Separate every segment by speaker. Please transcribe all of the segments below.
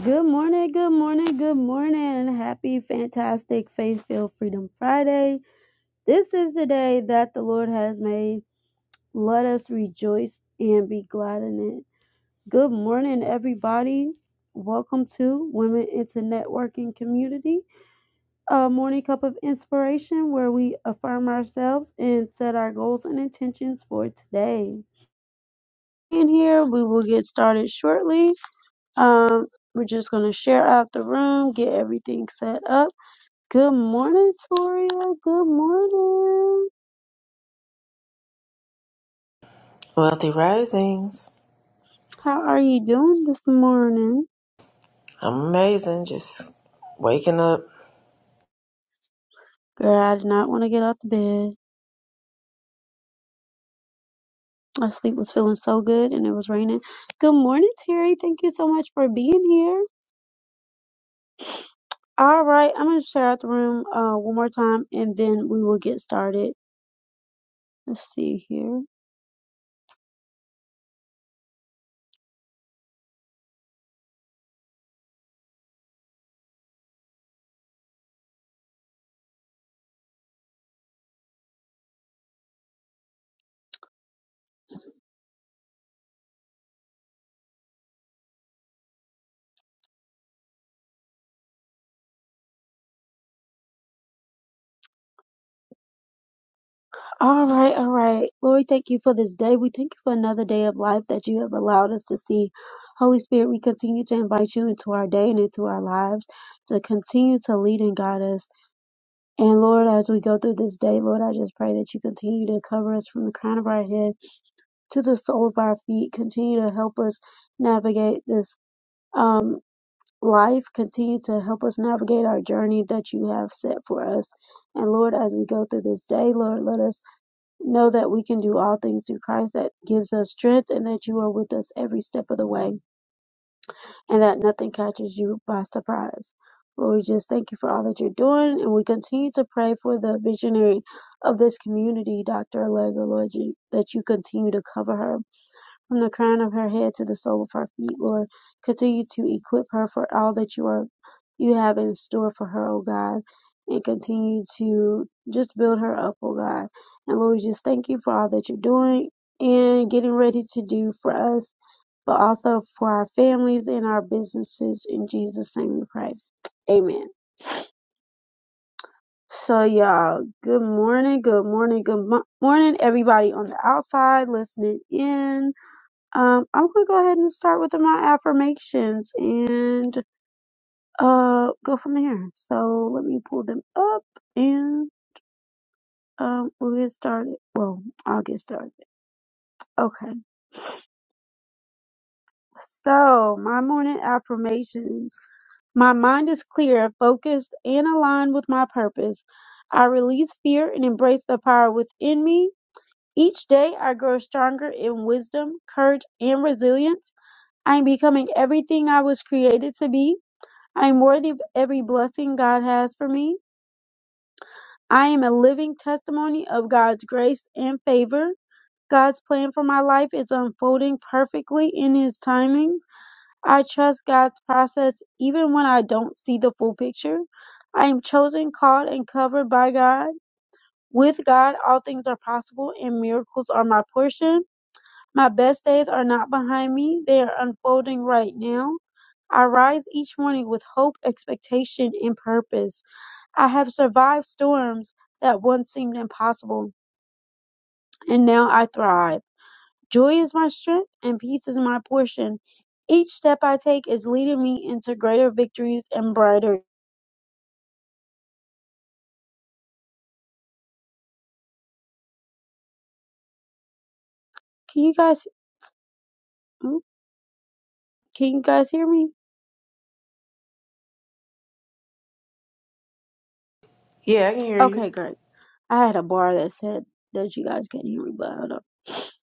Speaker 1: Good morning, good morning, good morning. Happy, fantastic, faith filled Freedom Friday. This is the day that the Lord has made. Let us rejoice and be glad in it. Good morning, everybody. Welcome to Women into Networking Community, a morning cup of inspiration where we affirm ourselves and set our goals and intentions for today. In here, we will get started shortly. Um, we're just going to share out the room, get everything set up Good morning, Toria. Good morning.
Speaker 2: Wealthy Risings.
Speaker 1: How are you doing this morning?
Speaker 2: I'm amazing. Just waking up.
Speaker 1: Girl, I did not want to get out the bed. My sleep was feeling so good and it was raining. Good morning, Terry. Thank you so much for being here. All right, I'm going to share out the room uh, one more time and then we will get started. Let's see here. All right, all right. Lord, we thank you for this day. We thank you for another day of life that you have allowed us to see. Holy Spirit, we continue to invite you into our day and into our lives to continue to lead and guide us. And Lord, as we go through this day, Lord, I just pray that you continue to cover us from the crown of our head to the sole of our feet. Continue to help us navigate this um life. Continue to help us navigate our journey that you have set for us. And Lord, as we go through this day, Lord, let us Know that we can do all things through Christ that gives us strength, and that you are with us every step of the way, and that nothing catches you by surprise. Lord, we just thank you for all that you're doing, and we continue to pray for the visionary of this community, Dr. Allegra, Lord, you, that you continue to cover her from the crown of her head to the sole of her feet, Lord. Continue to equip her for all that you are you have in store for her, oh God. And continue to just build her up, oh God. And Lord, just thank you for all that you're doing and getting ready to do for us, but also for our families and our businesses. In Jesus' name we pray. Amen. So y'all, good morning, good morning, good mo- morning, everybody on the outside listening in um, I'm gonna go ahead and start with my affirmations and uh go from there. So let me pull them up and um we'll get started. Well, I'll get started. Okay. So my morning affirmations. My mind is clear, focused, and aligned with my purpose. I release fear and embrace the power within me. Each day I grow stronger in wisdom, courage, and resilience. I am becoming everything I was created to be. I am worthy of every blessing God has for me. I am a living testimony of God's grace and favor. God's plan for my life is unfolding perfectly in His timing. I trust God's process even when I don't see the full picture. I am chosen, called, and covered by God. With God, all things are possible and miracles are my portion. My best days are not behind me, they are unfolding right now. I rise each morning with hope, expectation, and purpose. I have survived storms that once seemed impossible, and now I thrive. Joy is my strength, and peace is my portion. Each step I take is leading me into greater victories and brighter. Can you guys? mm, Can you guys hear me?
Speaker 2: Yeah, I can hear
Speaker 1: Okay,
Speaker 2: you.
Speaker 1: great. I had a bar that said that you guys couldn't hear me, but hold up.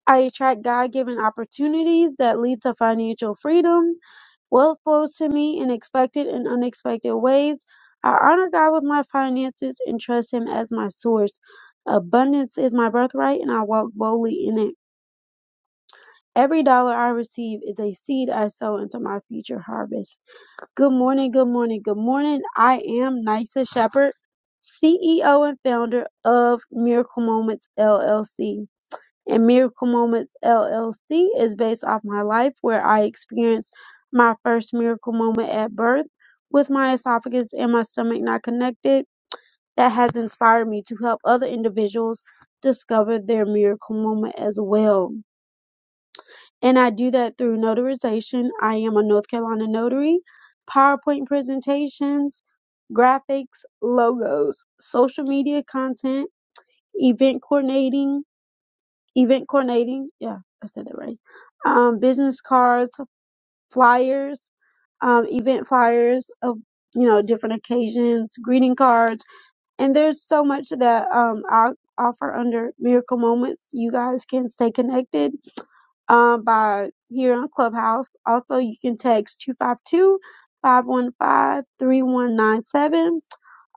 Speaker 1: I attract God-given opportunities that lead to financial freedom. Wealth flows to me in expected and unexpected ways. I honor God with my finances and trust Him as my source. Abundance is my birthright, and I walk boldly in it. Every dollar I receive is a seed I sow into my future harvest. Good morning, good morning, good morning. I am Nysa Shepherd, CEO and founder of Miracle Moments LLC and Miracle Moments LLC is based off my life where I experienced my first miracle moment at birth with my esophagus and my stomach not connected. That has inspired me to help other individuals discover their miracle moment as well. And I do that through notarization. I am a North Carolina notary, PowerPoint presentations, graphics, logos, social media content, event coordinating, event coordinating. Yeah, I said that right. Um, business cards, flyers, um, event flyers of you know different occasions, greeting cards, and there's so much that um I offer under Miracle Moments. You guys can stay connected um, by here on Clubhouse. Also, you can text 252 515 3197.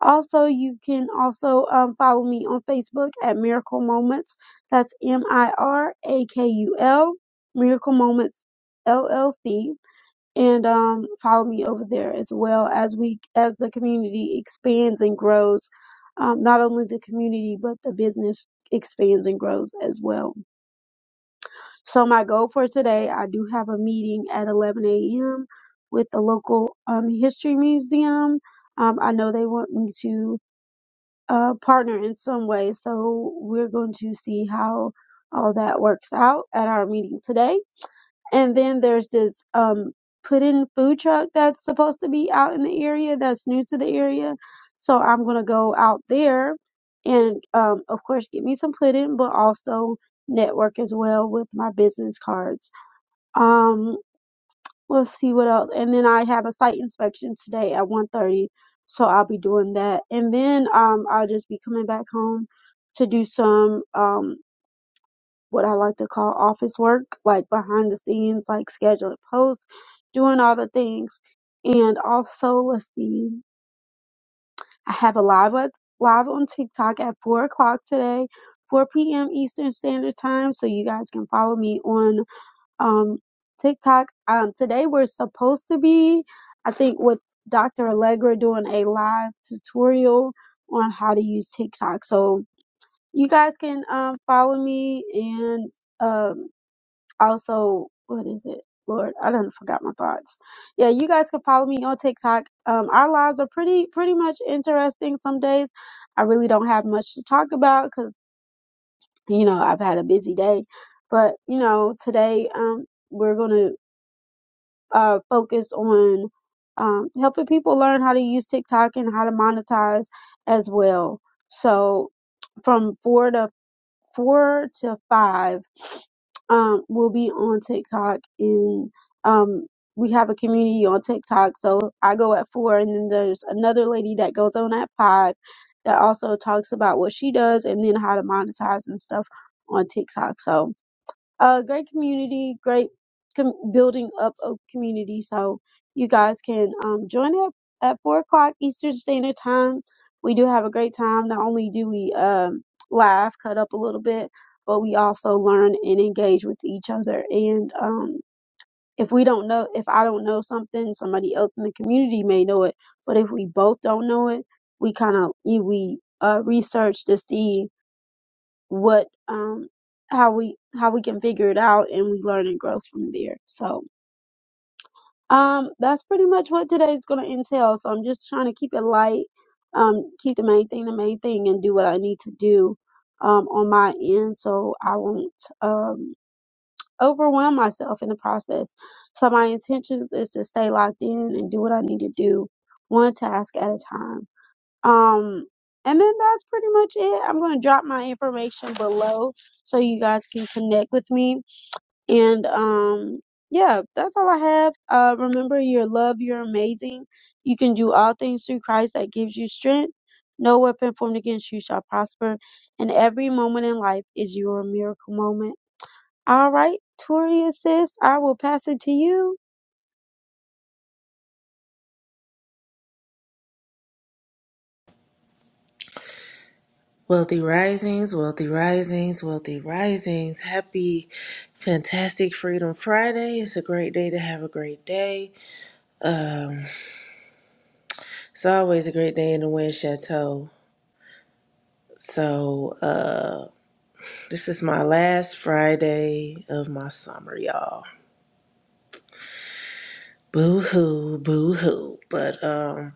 Speaker 1: Also, you can also um, follow me on Facebook at Miracle Moments. That's M I R A K U L, Miracle Moments LLC. And um, follow me over there as well as we as the community expands and grows. Um, not only the community, but the business expands and grows as well. So my goal for today, I do have a meeting at 11 a.m. with the local um, history museum. Um, I know they want me to uh, partner in some way, so we're going to see how all that works out at our meeting today. And then there's this um, put-in food truck that's supposed to be out in the area that's new to the area, so I'm gonna go out there and um, of course get me some pudding, but also network as well with my business cards. Um, let's see what else. And then I have a site inspection today at one thirty, so I'll be doing that. And then um, I'll just be coming back home to do some um what I like to call office work, like behind the scenes, like scheduling posts, doing all the things. And also, let's see, I have a live at, live on TikTok at four o'clock today, 4 p.m. Eastern Standard Time. So you guys can follow me on um, TikTok. Um, today we're supposed to be, I think, with Dr. Allegra doing a live tutorial on how to use TikTok. So you guys can um, follow me and um, also, what is it? Lord, I done forgot my thoughts. Yeah, you guys can follow me on TikTok. Um, our lives are pretty pretty much interesting some days. I really don't have much to talk about because you know I've had a busy day, but you know today um, we're gonna uh, focused on um, helping people learn how to use TikTok and how to monetize as well. So from four to four to five, um, will be on TikTok and um, we have a community on TikTok. So I go at four, and then there's another lady that goes on at five that also talks about what she does and then how to monetize and stuff on TikTok. So uh, great community, great com- building up of community. So you guys can um, join it at four o'clock Eastern Standard Time. We do have a great time. Not only do we um, laugh, cut up a little bit, but we also learn and engage with each other. And um, if we don't know, if I don't know something, somebody else in the community may know it. But if we both don't know it, we kind of we uh, research to see what um how we how we can figure it out and we learn and grow from there. So um that's pretty much what today's gonna entail. So I'm just trying to keep it light, um, keep the main thing the main thing and do what I need to do um on my end so I won't um overwhelm myself in the process. So my intentions is to stay locked in and do what I need to do one task at a time. Um, and then that's pretty much it. I'm gonna drop my information below so you guys can connect with me. And um, yeah, that's all I have. Uh, remember your love. You're amazing. You can do all things through Christ that gives you strength. No weapon formed against you shall prosper. And every moment in life is your miracle moment. All right, Tori sis, I will pass it to you.
Speaker 2: Wealthy Risings, Wealthy Risings, Wealthy Risings. Happy, fantastic Freedom Friday. It's a great day to have a great day. It's always a great day in the Wind Chateau. So, uh, this is my last Friday of my summer, y'all. Boo hoo, boo hoo. But, um,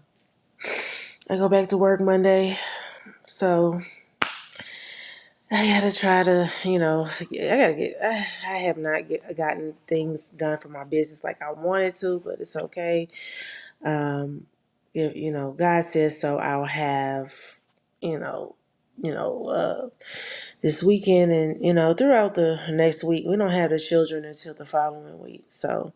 Speaker 2: I go back to work Monday. So, I gotta try to, you know, I gotta get. I, I have not get, gotten things done for my business like I wanted to, but it's okay. Um, if, you know, God says so. I'll have, you know, you know, uh, this weekend and you know throughout the next week. We don't have the children until the following week. So,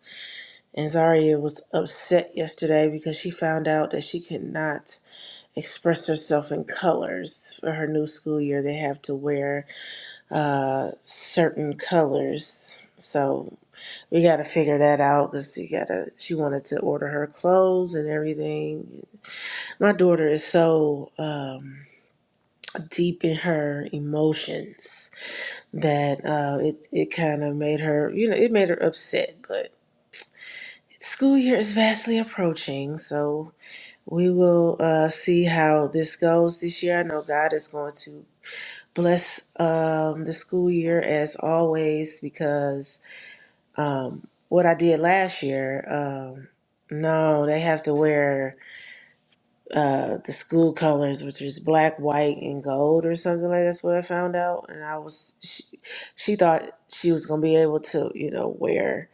Speaker 2: and Zaria was upset yesterday because she found out that she could not express herself in colors for her new school year. They have to wear uh, certain colors. So we got to figure that out because you got to. She wanted to order her clothes and everything. My daughter is so um, deep in her emotions that uh, it it kind of made her. You know, it made her upset, but. School year is vastly approaching, so we will uh, see how this goes this year. I know God is going to bless um, the school year as always because um, what I did last year. Um, no, they have to wear uh, the school colors, which is black, white, and gold, or something like that. that's what I found out. And I was, she, she thought she was gonna be able to, you know, wear,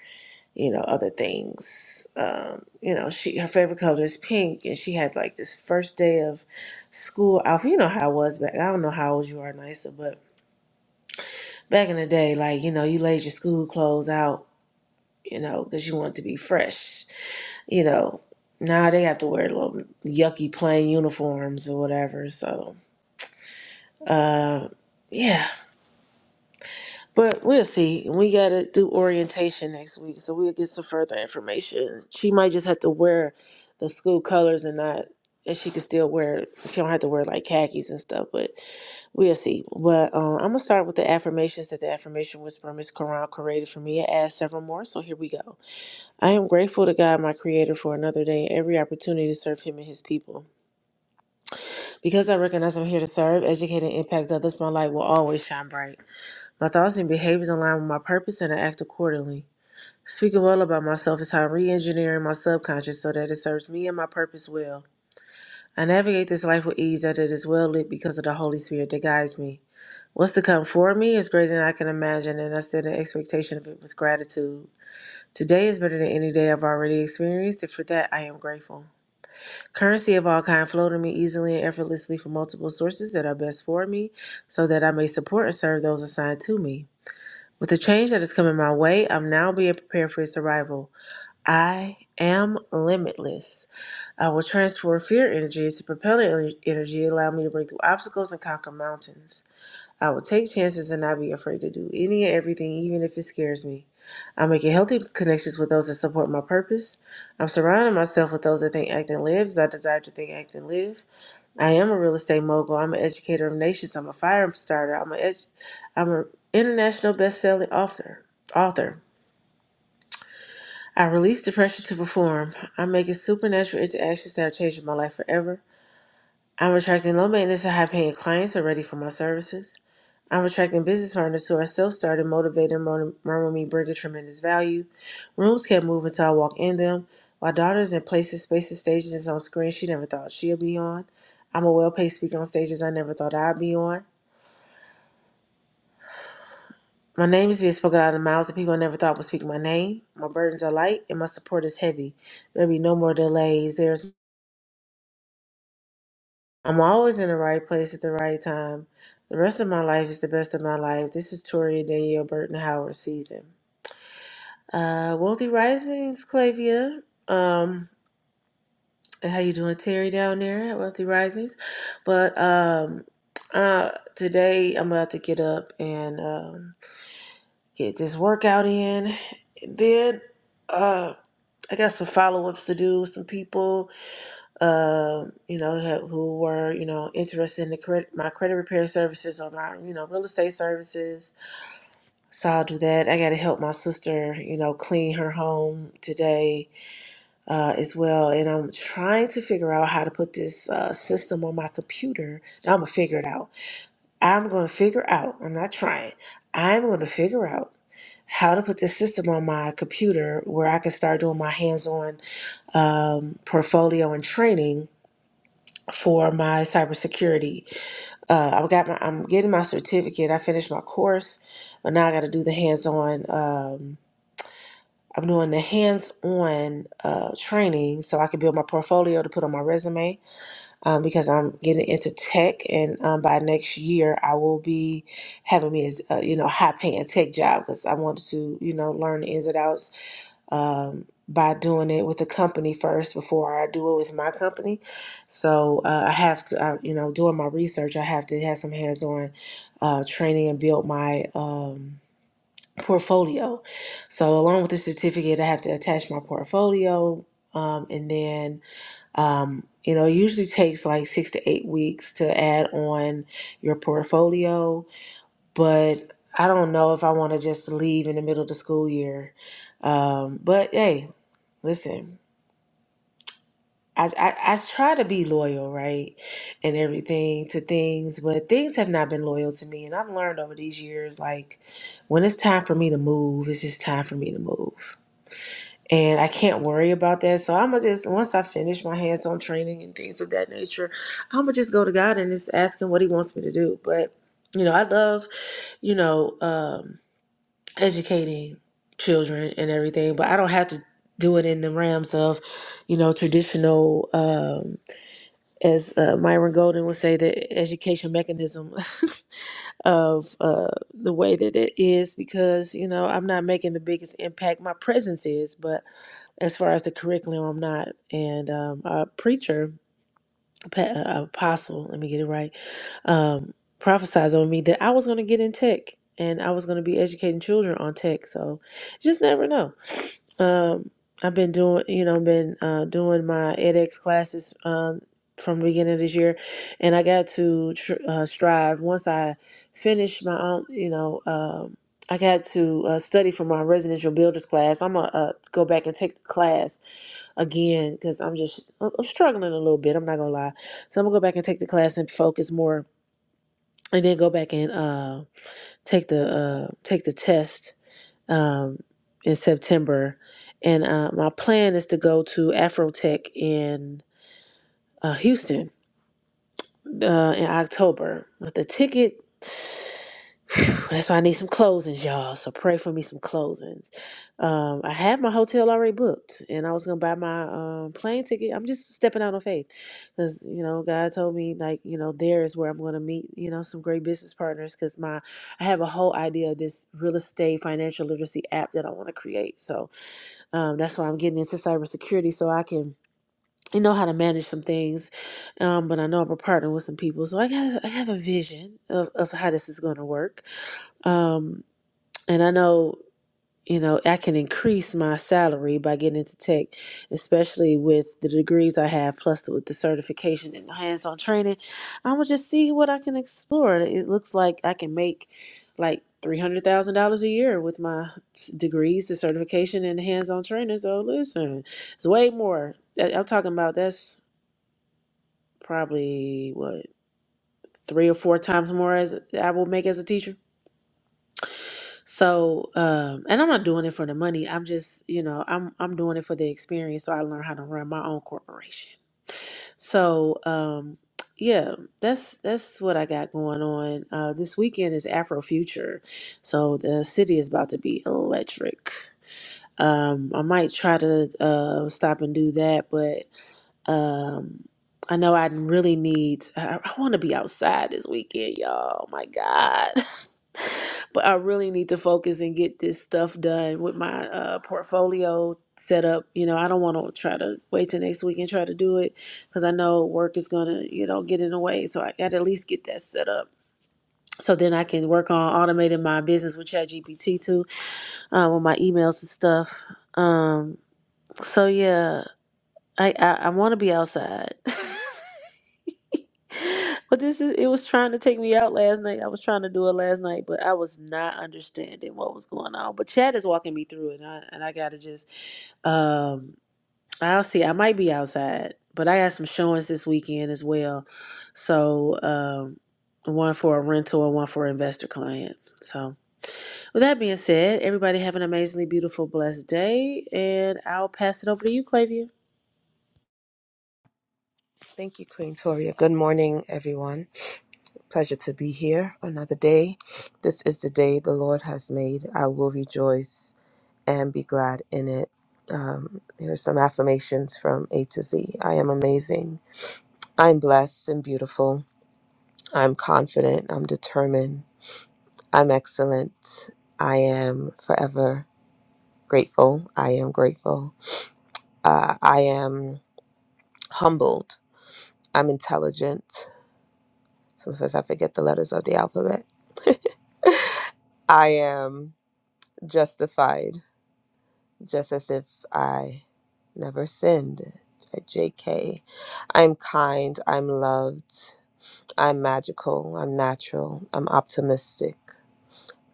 Speaker 2: you know, other things. Um, you know, she her favorite color is pink, and she had like this first day of school outfit. You know how I was back. I don't know how old you are, Nisa, but back in the day, like you know, you laid your school clothes out, you know, because you want to be fresh you know, now they have to wear little yucky plain uniforms or whatever. So, uh, yeah. But we'll see. We got to do orientation next week, so we'll get some further information. She might just have to wear the school colors and not, and she can still wear, she don't have to wear like khakis and stuff, but we'll see. But um, I'm going to start with the affirmations that the affirmation whisperer, Miss Quran, created for me. I add several more, so here we go. I am grateful to God, my creator, for another day and every opportunity to serve him and his people. Because I recognize I'm here to serve, educate, and impact others, my light will always shine bright. My thoughts and behaviors align with my purpose and I act accordingly. Speaking well about myself is how I'm re engineering my subconscious so that it serves me and my purpose well. I navigate this life with ease that it is well lit because of the Holy Spirit that guides me. What's to come for me is greater than I can imagine, and I set an expectation of it with gratitude. Today is better than any day I've already experienced, and for that I am grateful. Currency of all kind flow to me easily and effortlessly from multiple sources that are best for me, so that I may support and serve those assigned to me. With the change that is coming my way, I'm now being prepared for its arrival. I am limitless. I will transform fear energy into propellant energy, allowing me to break through obstacles and conquer mountains. I will take chances and not be afraid to do any and everything, even if it scares me. I'm making healthy connections with those that support my purpose. I'm surrounding myself with those that think, act, and live as I desire to think, act, and live. I am a real estate mogul. I'm an educator of nations. I'm a fire starter. I'm an edu- I'm an international best-selling author. Author. I release the pressure to perform. I'm making supernatural interactions that are changing my life forever. I'm attracting low maintenance and high paying clients who are ready for my services. I'm attracting business partners who are self started, motivated, and murmur me bring a tremendous value. Rooms kept moving till I walk in them. My daughter's in places, spaces, stages, and on screens she never thought she'd be on. I'm a well paid speaker on stages I never thought I'd be on. My name is being spoken out of the mouths of people I never thought would speak my name. My burdens are light and my support is heavy. There'll be no more delays. There's I'm always in the right place at the right time. The rest of my life is the best of my life. This is Toria Danielle Burton Howard season. Uh, Wealthy Risings, Clavia. Um, how you doing, Terry, down there at Wealthy Risings? But um, uh, today I'm about to get up and um, get this workout in. And then uh, I got some follow ups to do with some people um, you know, ha- who were, you know, interested in the credit, my credit repair services or my, you know, real estate services. So I'll do that. I got to help my sister, you know, clean her home today uh, as well. And I'm trying to figure out how to put this uh, system on my computer. I'm going to figure it out. I'm going to figure out. I'm not trying. I'm going to figure out how to put this system on my computer where I can start doing my hands on um, portfolio and training for my cybersecurity. Uh, I got my, I'm getting my certificate. I finished my course, but now I got to do the hands-on. Um, I'm doing the hands-on uh, training so I can build my portfolio to put on my resume um, because I'm getting into tech, and um, by next year I will be having me as uh, you know high-paying tech job because I wanted to you know learn the ins and outs um, by doing it with the company first before I do it with my company. So uh, I have to, uh, you know, doing my research, I have to have some hands on uh, training and build my. Um, portfolio so along with the certificate i have to attach my portfolio um, and then um, you know it usually takes like six to eight weeks to add on your portfolio but i don't know if i want to just leave in the middle of the school year um, but hey Listen, I, I I try to be loyal, right, and everything to things, but things have not been loyal to me, and I've learned over these years, like when it's time for me to move, it's just time for me to move, and I can't worry about that. So I'm gonna just once I finish my hands-on training and things of that nature, I'm gonna just go to God and just ask Him what He wants me to do. But you know, I love you know. um educating children and everything, but I don't have to do it in the realms of, you know, traditional, um, as uh, Myron Golden would say, the education mechanism of uh, the way that it is, because, you know, I'm not making the biggest impact. My presence is, but as far as the curriculum, I'm not. And um, a preacher pa- uh, apostle, let me get it right, um, prophesies on me that I was going to get in tech and I was going to be educating children on tech. So just never know. Um, I've been doing, you know, been uh, doing my edX classes um, from the beginning of this year, and I got to tr- uh, strive once I finished my own, you know. Um, I got to uh, study for my residential builders class. I'm gonna uh, go back and take the class again because I'm just I'm I'm struggling a little bit. I'm not gonna lie so I'm gonna go back and take the class and focus more, and then go back and uh, take the uh, take the test um, in September. And uh, my plan is to go to Afrotech in uh, Houston uh, in October. But the ticket. That's why I need some closings, y'all. So pray for me some closings. Um, I had my hotel already booked, and I was gonna buy my um, plane ticket. I'm just stepping out on faith, because you know God told me like you know there is where I'm gonna meet you know some great business partners. Because my I have a whole idea of this real estate financial literacy app that I want to create. So um, that's why I'm getting into cybersecurity so I can you know how to manage some things. Um, but I know I'm a partner with some people, so I got I have a vision of of how this is gonna work. Um, and I know you know I can increase my salary by getting into tech, especially with the degrees I have, plus with the certification and hands-on training. I will just see what I can explore. It looks like I can make like three hundred thousand dollars a year with my s- degrees, the certification, and the hands-on training. So listen, it's way more. I- I'm talking about that's probably what three or four times more as I will make as a teacher. So, um, and I'm not doing it for the money. I'm just, you know, I'm I'm doing it for the experience. So I learn how to run my own corporation. So, um, yeah, that's that's what I got going on. Uh, this weekend is Afrofuture, so the city is about to be electric. Um, I might try to uh, stop and do that, but um, I know I really need, I, I want to be outside this weekend, y'all. Oh my God. But I really need to focus and get this stuff done with my uh, portfolio set up. You know, I don't want to try to wait till next week and try to do it because I know work is going to, you know, get in the way. So I got to at least get that set up. So then I can work on automating my business with ChatGPT too, uh, with my emails and stuff. Um, so yeah, I, I, I want to be outside. But this is it was trying to take me out last night. I was trying to do it last night, but I was not understanding what was going on. But Chad is walking me through it and I and I gotta just um I'll see. I might be outside, but I got some showings this weekend as well. So um one for a rental and one for an investor client. So with that being said, everybody have an amazingly beautiful, blessed day and I'll pass it over to you, Clavia.
Speaker 3: Thank you, Queen Toria. Good morning, everyone. Pleasure to be here another day. This is the day the Lord has made. I will rejoice and be glad in it. Um, here are some affirmations from A to Z. I am amazing. I'm blessed and beautiful. I'm confident. I'm determined. I'm excellent. I am forever grateful. I am grateful. Uh, I am humbled. I'm intelligent. Sometimes I forget the letters of the alphabet. I am justified, just as if I never sinned. J K. I am kind. I'm loved. I'm magical. I'm natural. I'm optimistic.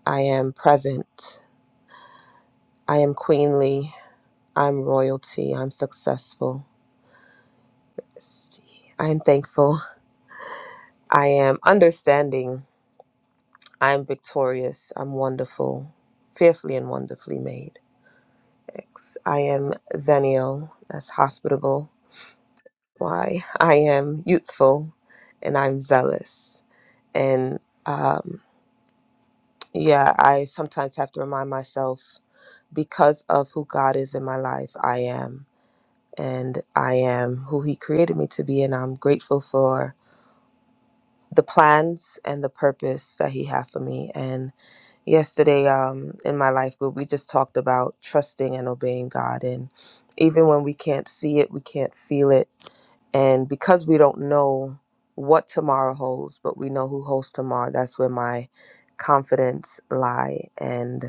Speaker 3: I am present. I am queenly. I'm royalty. I'm successful. Let's see. I am thankful. I am understanding. I am victorious. I'm wonderful. Fearfully and wonderfully made. X. I am Zenial, that's hospitable. Y. I am youthful and I'm zealous. And um, yeah, I sometimes have to remind myself because of who God is in my life, I am. And I am who He created me to be. And I'm grateful for the plans and the purpose that He had for me. And yesterday um in my life group we just talked about trusting and obeying God and even when we can't see it, we can't feel it and because we don't know what tomorrow holds, but we know who holds tomorrow, that's where my confidence lie and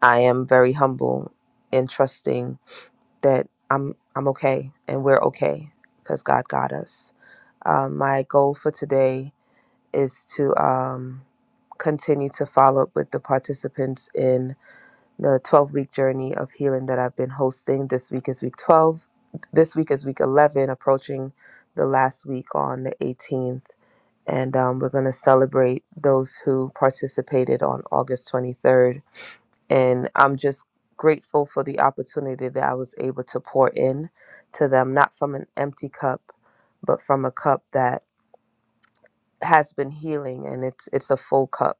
Speaker 3: I am very humble in trusting that I'm I'm okay and we're okay because God got us. Um, my goal for today is to um, continue to follow up with the participants in the 12 week journey of healing that I've been hosting. This week is week 12. This week is week 11, approaching the last week on the 18th. And um, we're going to celebrate those who participated on August 23rd. And I'm just grateful for the opportunity that I was able to pour in to them, not from an empty cup, but from a cup that has been healing and it's it's a full cup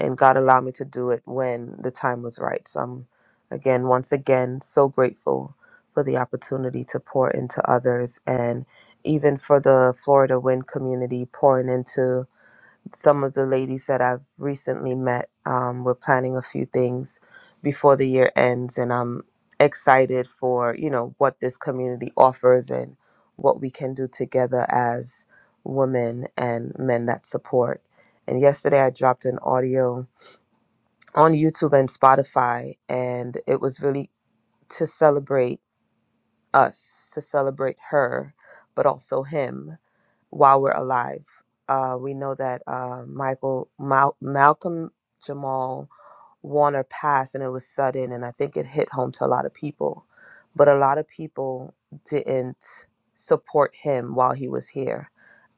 Speaker 3: and God allowed me to do it when the time was right. So I'm again once again so grateful for the opportunity to pour into others and even for the Florida Wind community pouring into some of the ladies that I've recently met, um, we're planning a few things before the year ends, and I'm excited for you know what this community offers and what we can do together as women and men that support. And yesterday I dropped an audio on YouTube and Spotify, and it was really to celebrate us, to celebrate her, but also him while we're alive. Uh, we know that uh, Michael Mal- Malcolm Jamal Warner passed, and it was sudden, and I think it hit home to a lot of people. But a lot of people didn't support him while he was here.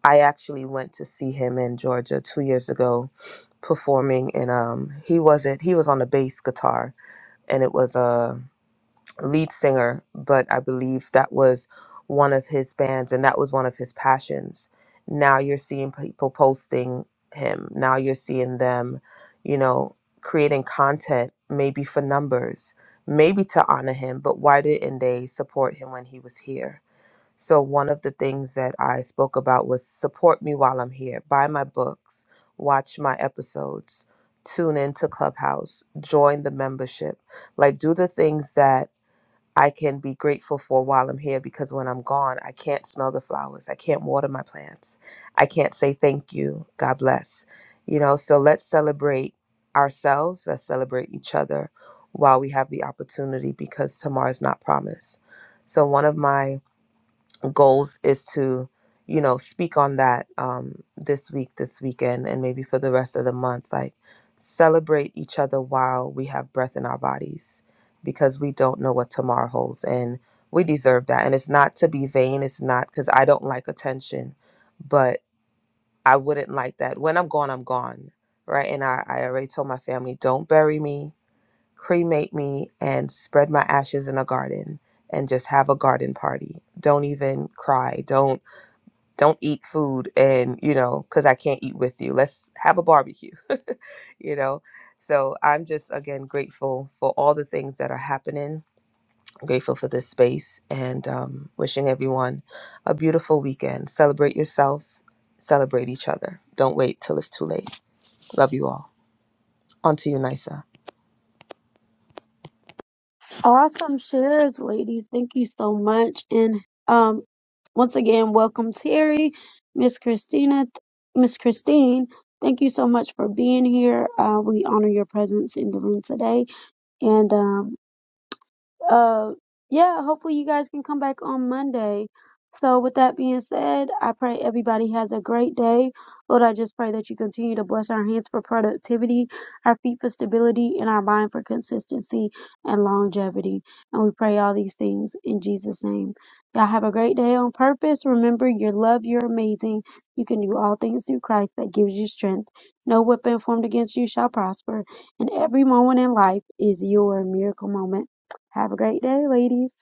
Speaker 3: I actually went to see him in Georgia two years ago, performing, and um, he wasn't. He was on the bass guitar, and it was a lead singer, but I believe that was one of his bands and that was one of his passions. Now you're seeing people posting him. Now you're seeing them, you know, creating content maybe for numbers, maybe to honor him, but why didn't they support him when he was here? So one of the things that I spoke about was support me while I'm here. Buy my books, watch my episodes, tune into Clubhouse, join the membership. Like do the things that I can be grateful for while I'm here because when I'm gone, I can't smell the flowers. I can't water my plants. I can't say thank you. God bless. You know, so let's celebrate ourselves. Let's celebrate each other while we have the opportunity because tomorrow is not promised. So, one of my goals is to you know speak on that um this week this weekend and maybe for the rest of the month like celebrate each other while we have breath in our bodies because we don't know what tomorrow holds and we deserve that and it's not to be vain it's not because i don't like attention but i wouldn't like that when i'm gone i'm gone right and i, I already told my family don't bury me cremate me and spread my ashes in a garden and just have a garden party don't even cry don't don't eat food and you know because i can't eat with you let's have a barbecue you know so i'm just again grateful for all the things that are happening I'm grateful for this space and um, wishing everyone a beautiful weekend celebrate yourselves celebrate each other don't wait till it's too late love you all on to you nisa
Speaker 1: Awesome shares, ladies. Thank you so much. And um, once again, welcome Terry, Miss Christina, Miss Christine. Thank you so much for being here. Uh, we honor your presence in the room today. And um, uh yeah hopefully you guys can come back on monday so with that being said i pray everybody has a great day lord i just pray that you continue to bless our hands for productivity our feet for stability and our mind for consistency and longevity and we pray all these things in jesus name y'all have a great day on purpose remember your love you're amazing you can do all things through christ that gives you strength no weapon formed against you shall prosper and every moment in life is your miracle moment have a great day, ladies.